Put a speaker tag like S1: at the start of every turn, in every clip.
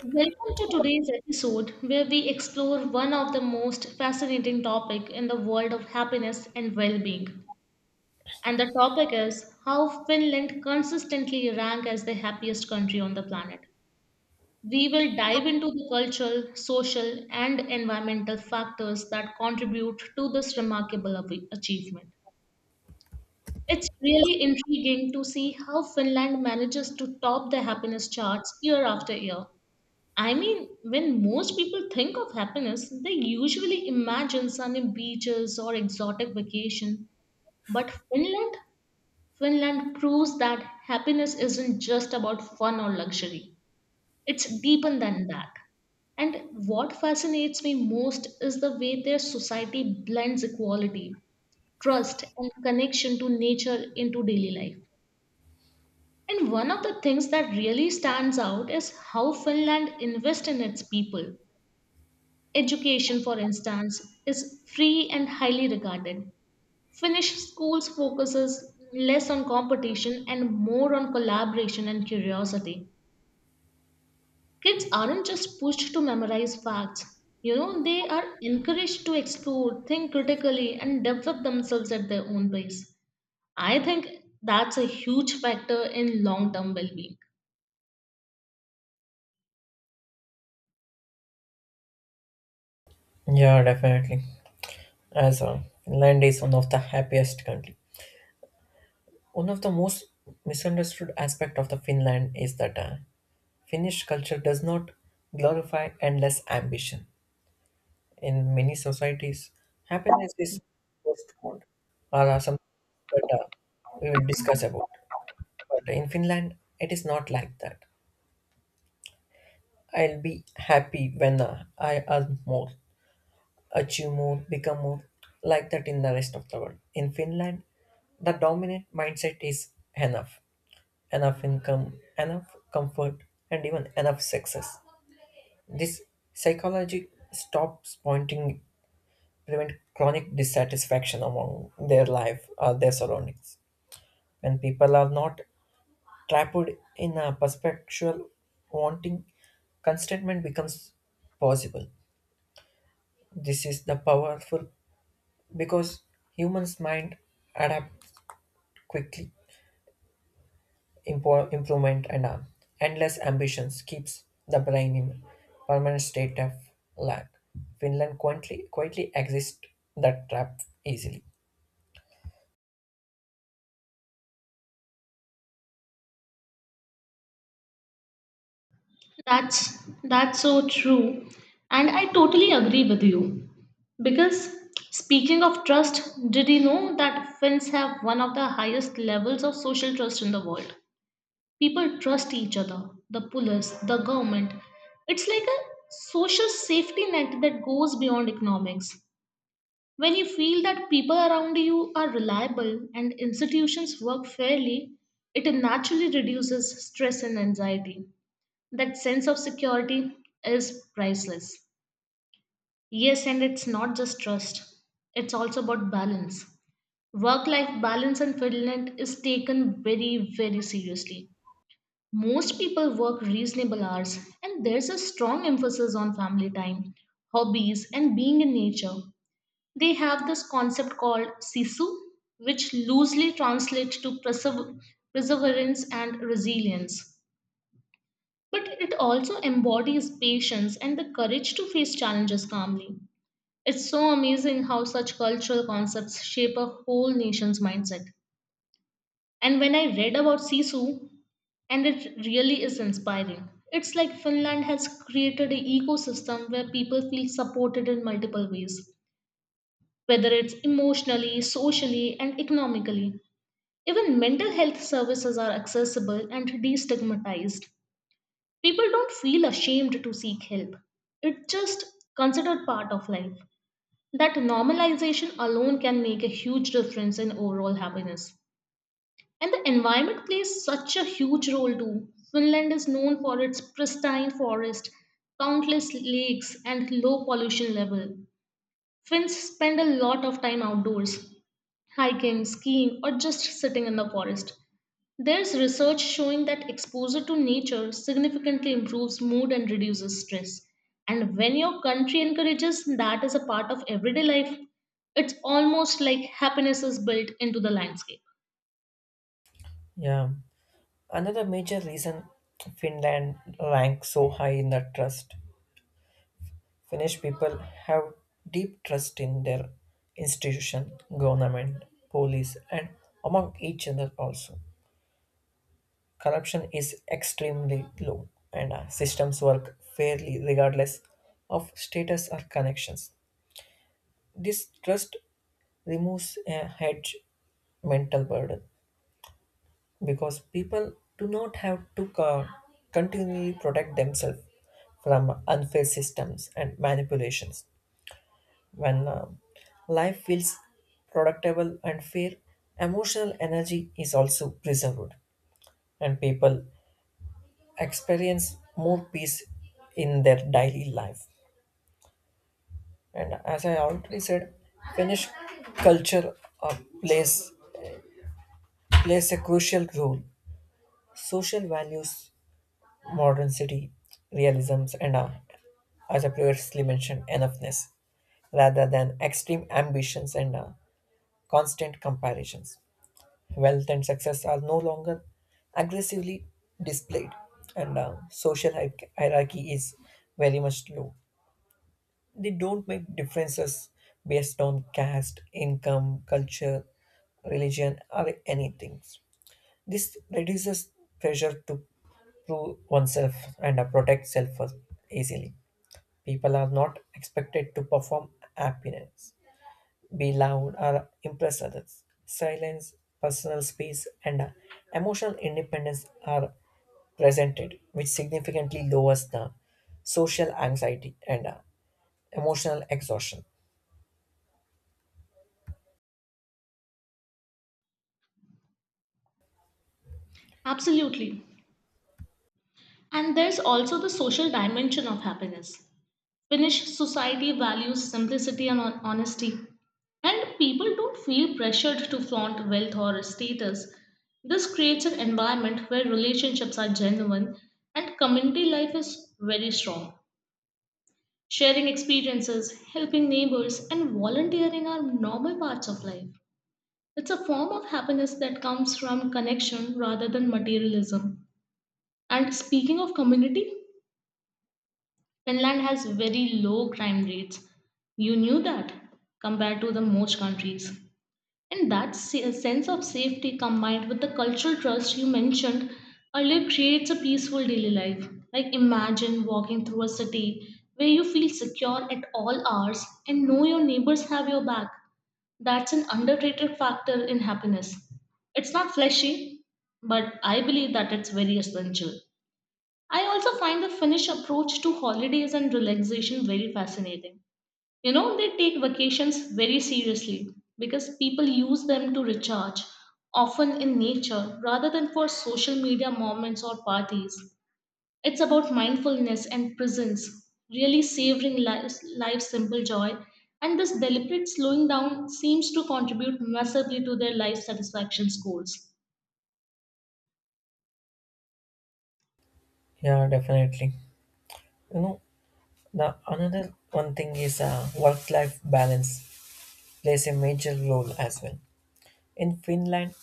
S1: Welcome to today's episode where we explore one of the most fascinating topic in the world of happiness and well-being. And the topic is how Finland consistently rank as the happiest country on the planet. We will dive into the cultural, social and environmental factors that contribute to this remarkable achievement. It's really intriguing to see how Finland manages to top the happiness charts year after year. I mean, when most people think of happiness, they usually imagine sunny beaches or exotic vacation. But Finland proves that happiness isn't just about fun or luxury. It's deeper than that. And what fascinates me most is the way their society blends equality, trust, and connection to nature into daily life. And one of the things that really stands out is how Finland invests in its people. Education, for instance, is free and highly regarded. Finnish schools focuses less on competition and more on collaboration and curiosity. Kids aren't just pushed to memorize facts. You know, they are encouraged to explore, think critically, and develop themselves at their own pace. I think that's a huge factor in long term well being.
S2: Yeah, definitely. As Finland is one of the happiest country. One of the most misunderstood aspect of the Finland is that Finnish culture does not glorify endless ambition. In many societies, happiness is postponed or something that we will discuss about. But in Finland, it is not like that. I'll be happy when I earn more, achieve more, become more, like that in the rest of the world. In Finland, the dominant mindset is enough, enough income, enough comfort, and even enough success. This psychology stops pointing prevent chronic dissatisfaction among their life or their surroundings. When people are not trapped in a perpetual wanting, contentment becomes possible. This is the powerful because humans mind adapt quickly improvement and endless ambitions keeps the brain in permanent state of lack. Finland quietly, quietly exists that trap easily.
S1: That's that's so true. And I totally agree with you. Because speaking of trust, did you know that Finns have one of the highest levels of social trust in the world? People trust each other, the police, the government. It's like a social safety net that goes beyond economics. When you feel that people around you are reliable and institutions work fairly, it naturally reduces stress and anxiety. That sense of security is priceless. Yes, and it's not just trust, it's also about balance. Work life balance in Finland is taken very, very seriously. Most people work reasonable hours, and there's a strong emphasis on family time, hobbies, and being in nature. They have this concept called sisu, which loosely translates to perseverance and resilience. But it also embodies patience and the courage to face challenges calmly. It's so amazing how such cultural concepts shape a whole nation's mindset. And when I read about Sisu, and it really is inspiring. It's like Finland has created an ecosystem where people feel supported in multiple ways, whether it's emotionally, socially, and economically. Even mental health services are accessible and destigmatized. People don't feel ashamed to seek help. It's just considered part of life. That normalization alone can make a huge difference in overall happiness. And the environment plays such a huge role too. Finland is known for its pristine forest, countless lakes, and low pollution level. Finns spend a lot of time outdoors, hiking, skiing, or just sitting in the forest. There's research showing that exposure to nature significantly improves mood and reduces stress. And when your country encourages that as a part of everyday life, it's almost like happiness is built into the landscape.
S2: Yeah. Another major reason Finland ranks so high in the trust. Finnish people have deep trust in their institution, government, police, and among each other also. Corruption is extremely low, and systems work fairly regardless of status or connections. This trust removes a hedge mental burden because people do not have continually protect themselves from unfair systems and manipulations. When life feels predictable and fair, emotional energy is also preserved, and people experience more peace in their daily life. And as I already said, Finnish culture uh, plays plays a crucial role. Social values, modern city, realisms, and as I previously mentioned, enoughness, rather than extreme ambitions and constant comparisons. Wealth and success are no longer aggressively displayed, and social hierarchy is very much low. They don't make differences based on caste, income, culture, religion, or anything. This reduces pressure to prove oneself and protect self easily. People are not expected to perform happiness, be loud, or impress others. Silence, personal space, and emotional independence are presented, which significantly lowers the social anxiety and emotional exhaustion.
S1: Absolutely. And there's also the social dimension of happiness. Finnish society values simplicity and honesty, and people don't feel pressured to flaunt wealth or status. This creates an environment where relationships are genuine and community life is very strong. Sharing experiences, helping neighbors, and volunteering are normal parts of life. It's a form of happiness that comes from connection rather than materialism. And speaking of community, Finland has very low crime rates. You knew that compared to the most countries. And that sense of safety combined with the cultural trust you mentioned earlier creates a peaceful daily life. Like imagine walking through a city where you feel secure at all hours and know your neighbors have your back. That's an underrated factor in happiness. It's not flashy, but I believe that it's very essential. I also find the Finnish approach to holidays and relaxation very fascinating. You know, they take vacations very seriously because people use them to recharge, often in nature rather than for social media moments or parties. It's about mindfulness and presence, really savoring life's simple joy, and this deliberate slowing down seems to contribute massively to their life satisfaction scores.
S2: Yeah, definitely. You know, the another one thing is work-life balance plays a major role as well. In Finland,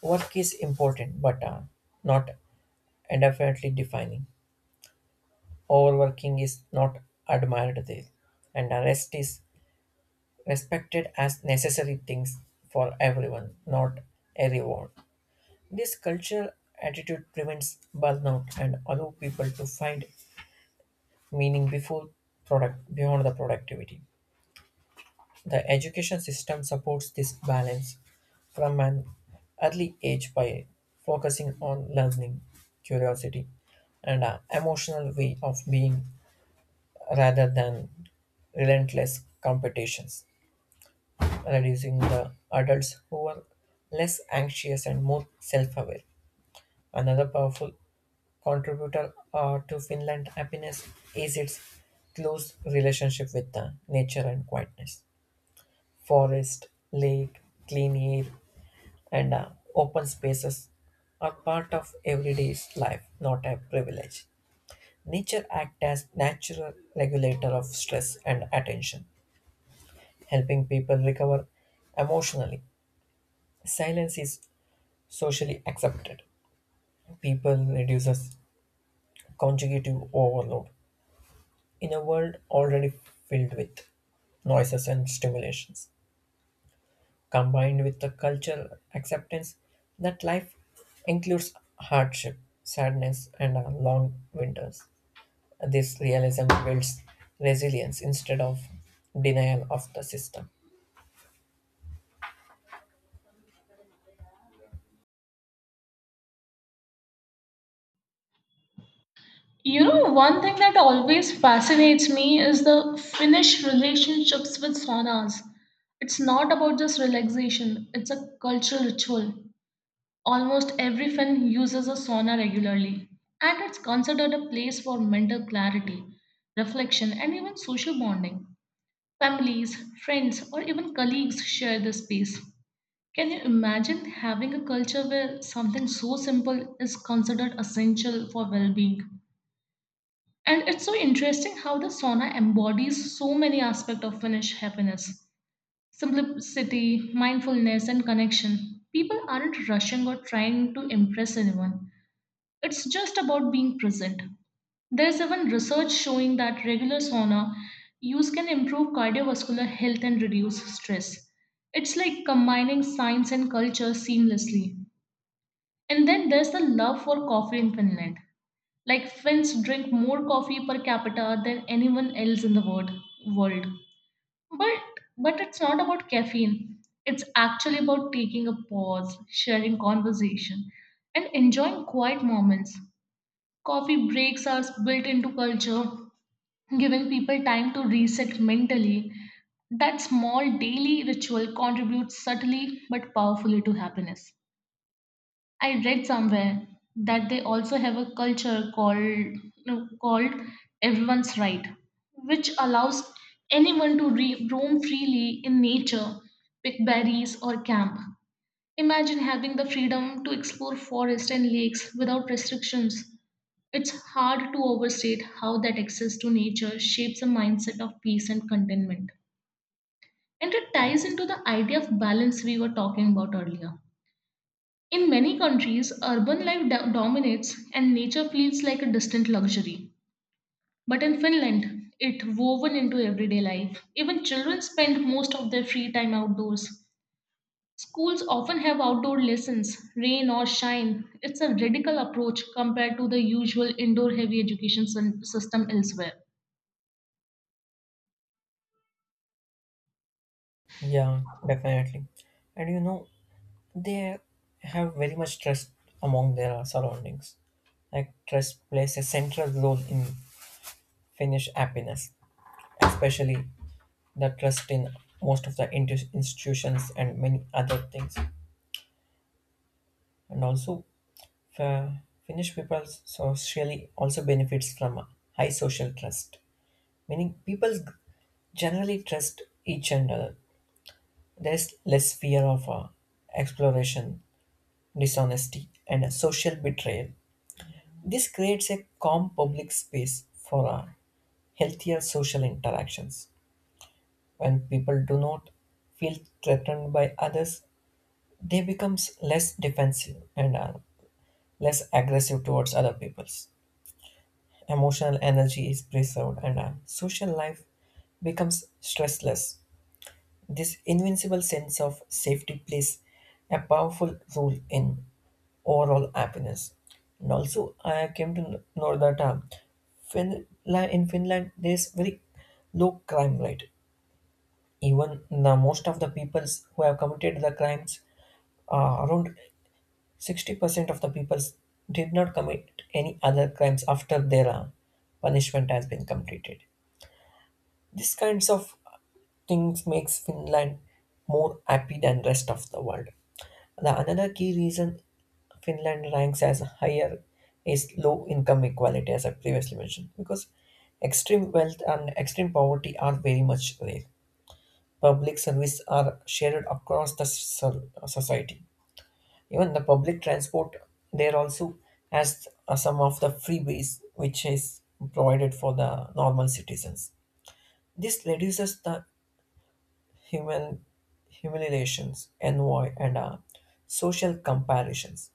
S2: work is important but not indefinitely defining. Overworking is not admired there, and rest is respected as necessary things for everyone, not a reward. This cultural attitude prevents burnout and allow people to find meaning before product beyond the productivity. The education system supports this balance from an early age by focusing on learning, curiosity, and an emotional way of being rather than relentless competitions, reducing the adults who are less anxious and more self aware. Another powerful contributor to Finland's happiness is its close relationship with the nature and quietness. Forest, lake, clean air, and open spaces are part of everyday life, not a privilege. Nature acts as natural regulator of stress and attention, helping people recover emotionally. Silence is socially accepted. People reduces conjugative overload in a world already filled with noises and stimulations, combined with the cultural acceptance that life includes hardship, sadness, and long winters. This realism builds resilience instead of denial of the system.
S1: You know, one thing that always fascinates me is the Finnish relationships with saunas. It's not about just relaxation, it's a cultural ritual. Almost every Finn uses a sauna regularly, and it's considered a place for mental clarity, reflection, and even social bonding. Families, friends, or even colleagues share this space. Can you imagine having a culture where something so simple is considered essential for well being? And it's so interesting how the sauna embodies so many aspects of Finnish happiness simplicity, mindfulness, and connection. People aren't rushing or trying to impress anyone, it's just about being present. There's even research showing that regular sauna use can improve cardiovascular health and reduce stress. It's like combining science and culture seamlessly. And then there's the love for coffee in Finland. Like Finns drink more coffee per capita than anyone else in the world. But but it's not about caffeine. It's actually about taking a pause, sharing conversation, and enjoying quiet moments. Coffee breaks are built into culture, giving people time to reset mentally. That small daily ritual contributes subtly but powerfully to happiness. I read somewhere that they also have a culture called no, called everyone's right, which allows anyone to roam freely in nature, pick berries or camp. Imagine having the freedom to explore forests and lakes without restrictions. It's hard to overstate how that access to nature shapes a mindset of peace and contentment. And it ties into the idea of balance we were talking about earlier. In many countries, urban life dominates and nature feels like a distant luxury. But in Finland, it woven into everyday life. Even children spend most of their free time outdoors. Schools often have outdoor lessons, rain or shine. It's a radical approach compared to the usual indoor heavy education system elsewhere.
S2: Yeah, definitely. And you know, they have very much trust among their surroundings. Like, trust plays a central role in Finnish happiness, especially the trust in most of the institutions and many other things. And also, uh, Finnish people socially also benefits from high social trust, meaning people generally trust each other. There's less fear of exploration, dishonesty, and a social betrayal. This creates a calm public space for healthier social interactions. When people do not feel threatened by others, they become less defensive and are less aggressive towards other peoples. Emotional energy is preserved, and social life becomes stressless. This invincible sense of safety plays a powerful role in overall happiness. And also, I came to know that Finland, in Finland there is very low crime rate. Even the most of the peoples who have committed the crimes, around 60% of the peoples did not commit any other crimes after their punishment has been completed. These kinds of things makes Finland more happy than rest of the world. The another key reason Finland ranks as higher is low income equality, as I previously mentioned, because extreme wealth and extreme poverty are very much rare. Public service are shared across the society. Even the public transport there also has some of the freeways which is provided for the normal citizens. This reduces the human humiliations, envy, and social comparisons.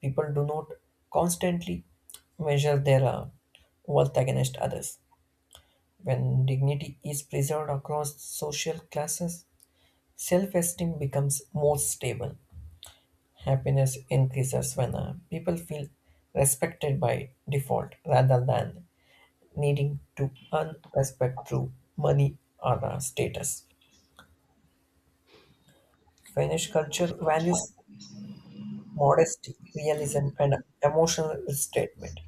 S2: People do not constantly measure their worth against others. When dignity is preserved across social classes, self esteem becomes more stable. Happiness increases when people feel respected by default rather than needing to earn respect through money or status. Finnish culture values modesty, realism, and emotional statement,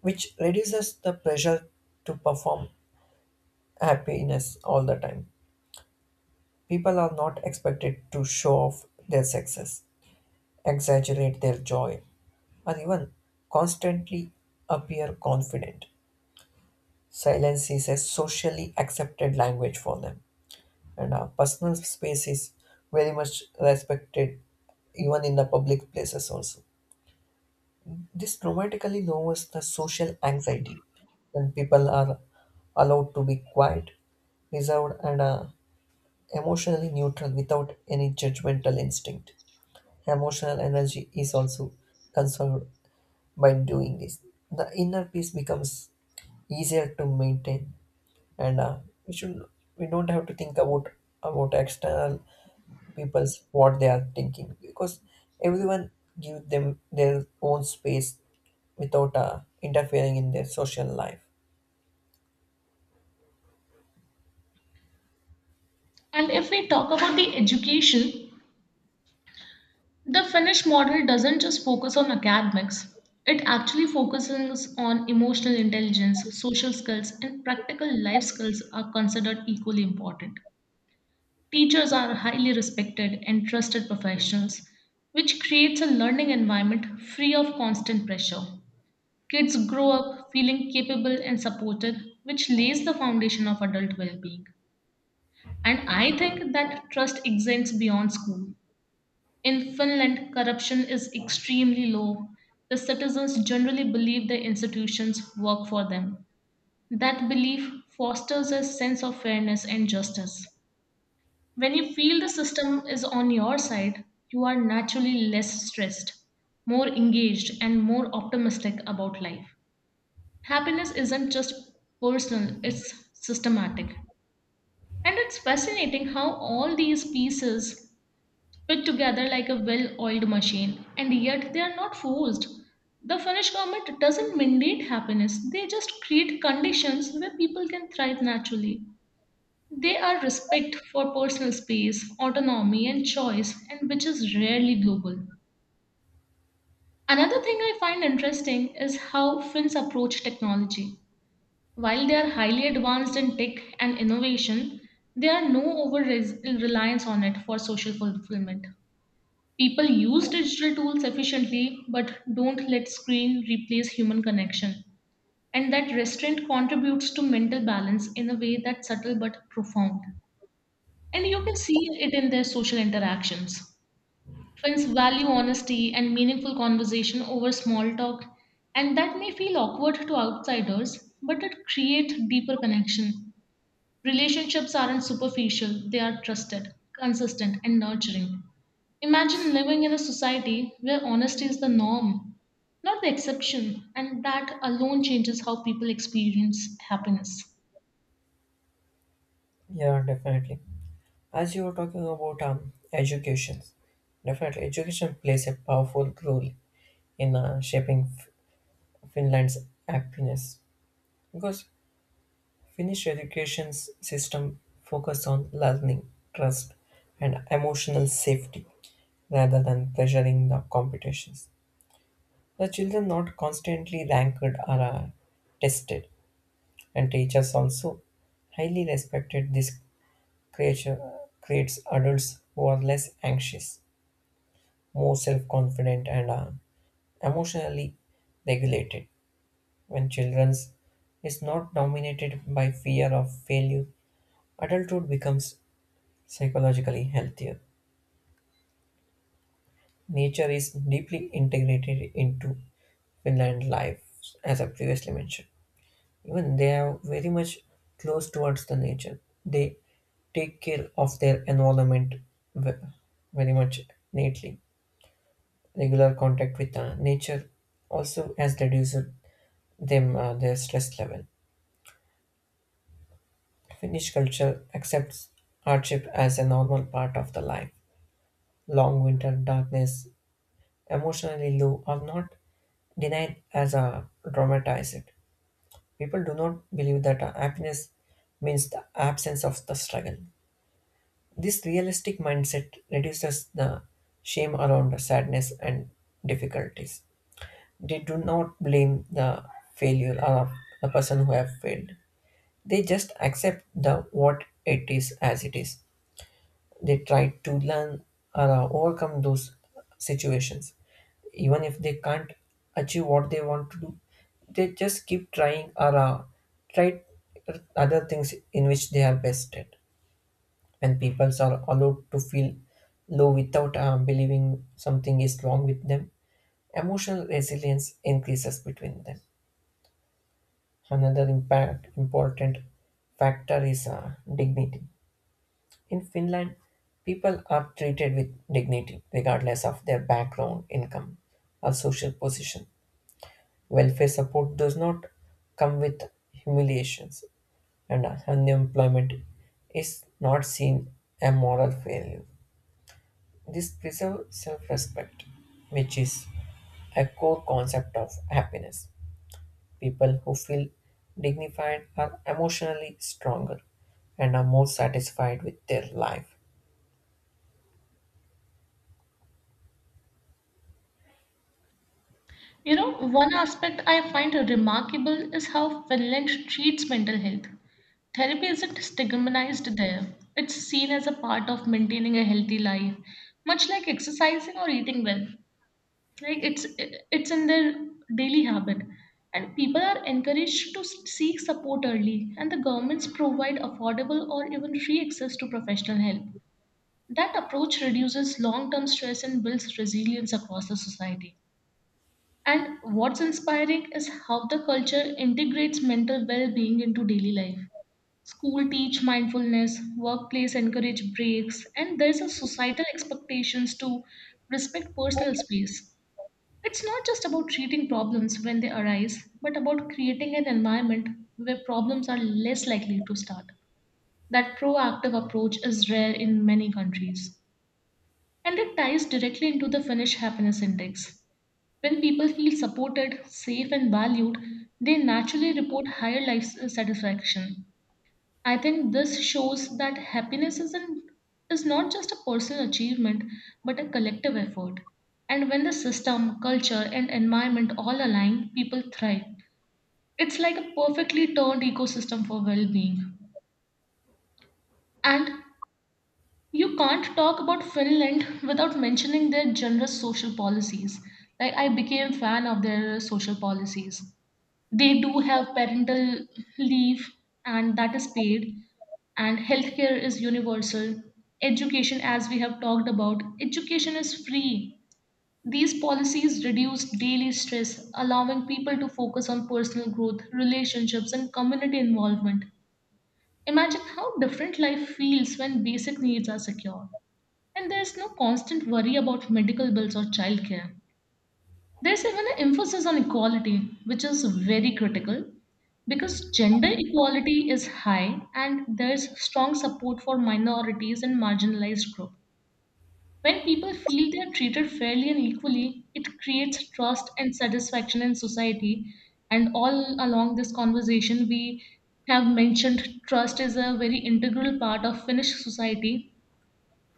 S2: which reduces the pressure to perform happiness all the time. People are not expected to show off their success, exaggerate their joy, or even constantly appear confident. Silence is a socially accepted language for them, and our personal space is very much respected even in the public places also. This dramatically lowers the social anxiety when people are allowed to be quiet, reserved, and emotionally neutral without any judgmental instinct. Emotional energy is also conserved by doing this. The inner peace becomes easier to maintain, and we should we don't have to think about external people's what they are thinking because everyone give them their own space without interfering in their social life.
S1: And if we talk about the education, the Finnish model doesn't just focus on academics, it actually focuses on emotional intelligence, social skills, and practical life skills are considered equally important. Teachers are highly respected and trusted professionals, which creates a learning environment free of constant pressure. Kids grow up feeling capable and supported, which lays the foundation of adult well being. And I think that trust extends beyond school. In Finland, corruption is extremely low. The citizens generally believe the institutions work for them. That belief fosters a sense of fairness and justice. When you feel the system is on your side, you are naturally less stressed, more engaged, and more optimistic about life. Happiness isn't just personal, it's systematic. And it's fascinating how all these pieces fit together like a well oiled machine, and yet they are not forced. The Finnish government doesn't mandate happiness, they just create conditions where people can thrive naturally. They are respect for personal space, autonomy, and choice, and which is rarely global. Another thing I find interesting is how Finns approach technology. While they are highly advanced in tech and innovation, there are no over reliance on it for social fulfillment. People use digital tools efficiently but don't let screen replace human connection. And that restraint contributes to mental balance in a way that's subtle but profound. And you can see it in their social interactions. Friends value honesty and meaningful conversation over small talk, and that may feel awkward to outsiders, but it creates deeper connection. Relationships aren't superficial, they are trusted, consistent, and nurturing. Imagine living in a society where honesty is the norm, not the exception, and that alone changes how people experience happiness.
S2: Yeah, definitely. As you were talking about education, definitely education plays a powerful role in shaping Finland's happiness because Finnish education system focus on learning, trust, and emotional safety rather than pressuring the competitions. The children not constantly ranked are tested, and teachers also highly respected this creature creates adults who are less anxious, more self-confident, and are emotionally regulated. When children's is not dominated by fear of failure, adulthood becomes psychologically healthier. Nature is deeply integrated into Finland life, as I previously mentioned. Even they are very much close towards the nature. They take care of their environment ve- very much neatly. Regular contact with nature also has reduced them their stress level. Finnish culture accepts hardship as a normal part of the life. Long winter, darkness, emotionally low are not denied as a dramatized. People do not believe that happiness means the absence of the struggle. This realistic mindset reduces the shame around sadness and difficulties. They do not blame the failure or the person who have failed. They just accept the what it is as it is. They try to learn or overcome those situations, even if they can't achieve what they want to do. They just keep trying or try other things in which they are best at. When people are allowed to feel low without believing something is wrong with them, emotional resilience increases between them. Another important factor is dignity. In Finland, people are treated with dignity regardless of their background, income, or social position. Welfare support does not come with humiliations, and unemployment is not seen a moral failure. This preserves self respect, which is a core concept of happiness. People who feel dignified are emotionally stronger and are more satisfied with their life.
S1: You know, one aspect I find remarkable is how Finland treats mental health. Therapy isn't stigmatized there, it's seen as a part of maintaining a healthy life, much like exercising or eating well. Like it's in their daily habit, and people are encouraged to seek support early, and the governments provide affordable or even free access to professional help. That approach reduces long-term stress and builds resilience across the society. And what's inspiring is how the culture integrates mental well-being into daily life. School teach mindfulness, workplace encourage breaks, and there's a societal expectations to respect personal space. It's not just about treating problems when they arise, but about creating an environment where problems are less likely to start. That proactive approach is rare in many countries. And it ties directly into the Finnish Happiness Index. When people feel supported, safe, and valued, they naturally report higher life satisfaction. I think this shows that happiness isn't is not just a personal achievement but a collective effort. And when the system, culture and environment all align, people thrive. It's like a perfectly turned ecosystem for well-being. And you can't talk about Finland without mentioning their generous social policies. Like I became fan of their social policies. They do have parental leave, and that is paid. And healthcare is universal. Education, as we have talked about, education is free. These policies reduce daily stress, allowing people to focus on personal growth, relationships, and community involvement. Imagine how different life feels when basic needs are secure. And there's no constant worry about medical bills or childcare. There's even an emphasis on equality, which is very critical because gender equality is high and there's strong support for minorities and marginalized groups. When people feel they are treated fairly and equally, it creates trust and satisfaction in society. And all along this conversation, we have mentioned trust is a very integral part of Finnish society,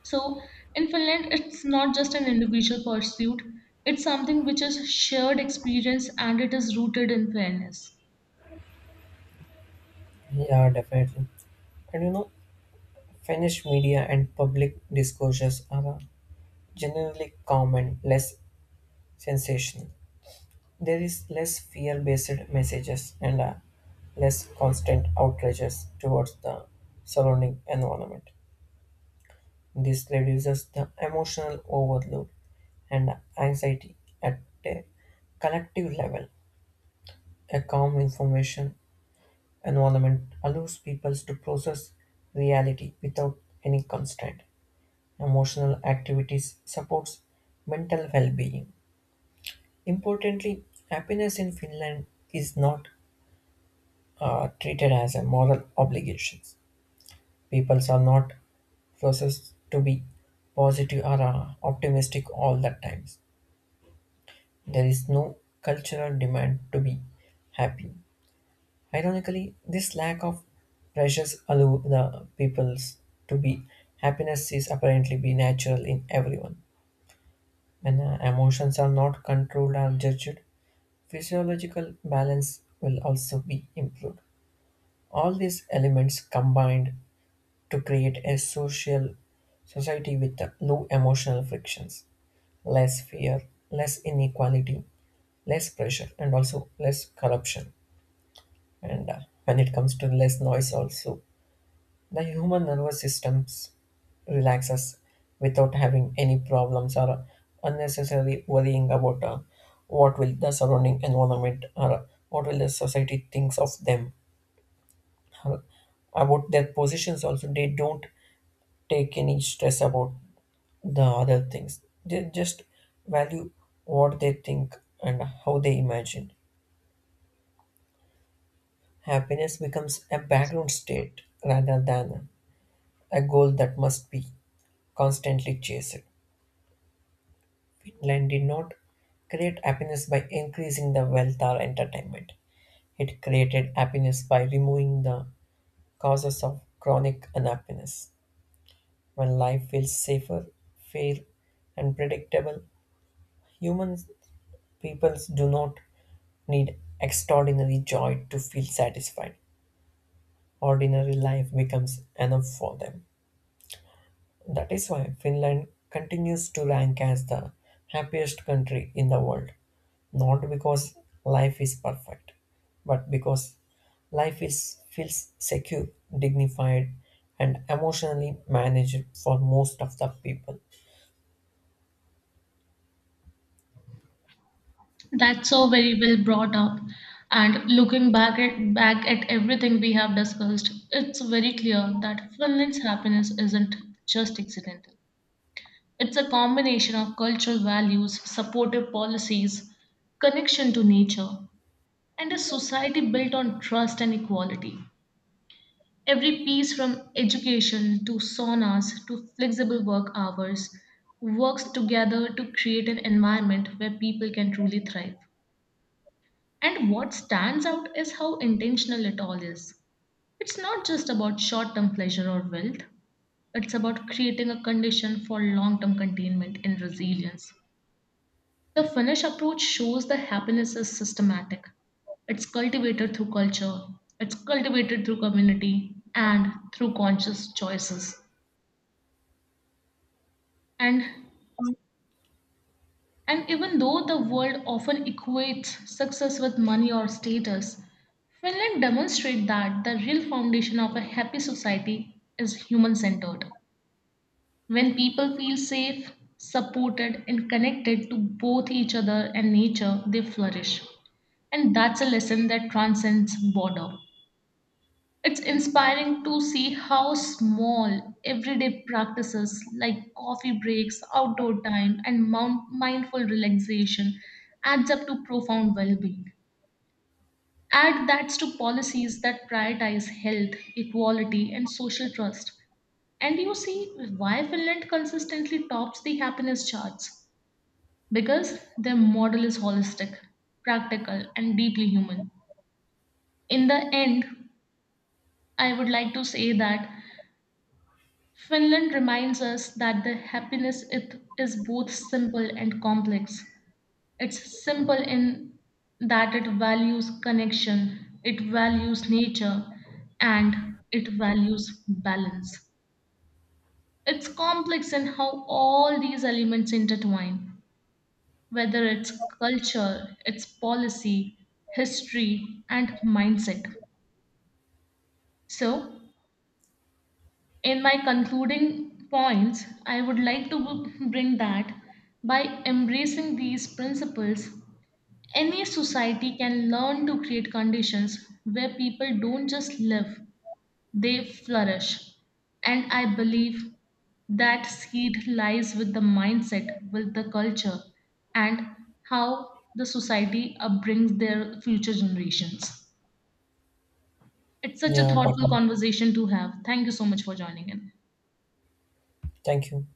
S1: so in Finland, it's not just an individual pursuit, it's something which is shared experience and it is rooted in fairness.
S2: Yeah, definitely. And you know, Finnish media and public discourses are generally calm and less sensational. There is less fear based messages and less constant outrages towards the surrounding environment. This reduces the emotional overload and anxiety at a collective level. A calm information environment allows people to process reality without any constraint. Emotional activities supports mental well-being. Importantly, happiness in Finland is not treated as a moral obligation. People are not forced to be positive or optimistic all the times. There is no cultural demand to be happy. Ironically, this lack of pressures allow the peoples to be happiness is apparently be natural in everyone. When emotions are not controlled or judged, physiological balance will also be improved. All these elements combined to create a social society with low emotional frictions, less fear, less inequality, less pressure, and also less corruption. And when it comes to less noise, also the human nervous system relaxes without having any problems or unnecessarily worrying about what will the surrounding environment or what will the society thinks of them or about their positions also. They don't take any stress about the other things. They just value what they think and how they imagine. Happiness becomes a background state rather than a goal that must be constantly chased. Finland did not create happiness by increasing the wealth or entertainment. It created happiness by removing the causes of chronic unhappiness. When life feels safer, fair, and predictable, human peoples do not need extraordinary joy to feel satisfied. Ordinary life becomes enough for them. That is why Finland continues to rank as the happiest country in the world, not because life is perfect, but because life is feels secure, dignified, and emotionally managed for most of the people.
S1: That's so very well brought up. And looking back at everything we have discussed, it's very clear that Finland's happiness isn't just accidental. It's a combination of cultural values, supportive policies, connection to nature, and a society built on trust and equality. Every piece from education to saunas to flexible work hours works together to create an environment where people can truly thrive. And what stands out is how intentional it all is. It's not just about short term pleasure or wealth, it's about creating a condition for long term containment and resilience. The Finnish approach shows that happiness is systematic. It's cultivated through culture, it's cultivated through community, and through conscious choices. And and even though the world often equates success with money or status, Finland demonstrates that the real foundation of a happy society is human-centered. When people feel safe, supported, and connected to both each other and nature, they flourish. And that's a lesson that transcends border. It's inspiring to see how small everyday practices like coffee breaks, outdoor time, and mindful relaxation adds up to profound well-being. Add that to policies that prioritize health, equality, and social trust, and you see why Finland consistently tops the happiness charts because their model is holistic, practical, and deeply human. In the end, I would like to say that Finland reminds us that the happiness it is both simple and complex. It's simple in that it values connection, it values nature, and it values balance. It's complex in how all these elements intertwine, whether it's culture, its policy, history, and mindset. So, in my concluding points, I would like to bring that by embracing these principles, any society can learn to create conditions where people don't just live, they flourish. And I believe that seed lies with the mindset, with the culture, and how the society upbrings their future generations. It's such a
S2: Yeah,
S1: thoughtful
S2: definitely.
S1: conversation to have. Thank you so much for joining in.
S2: Thank you.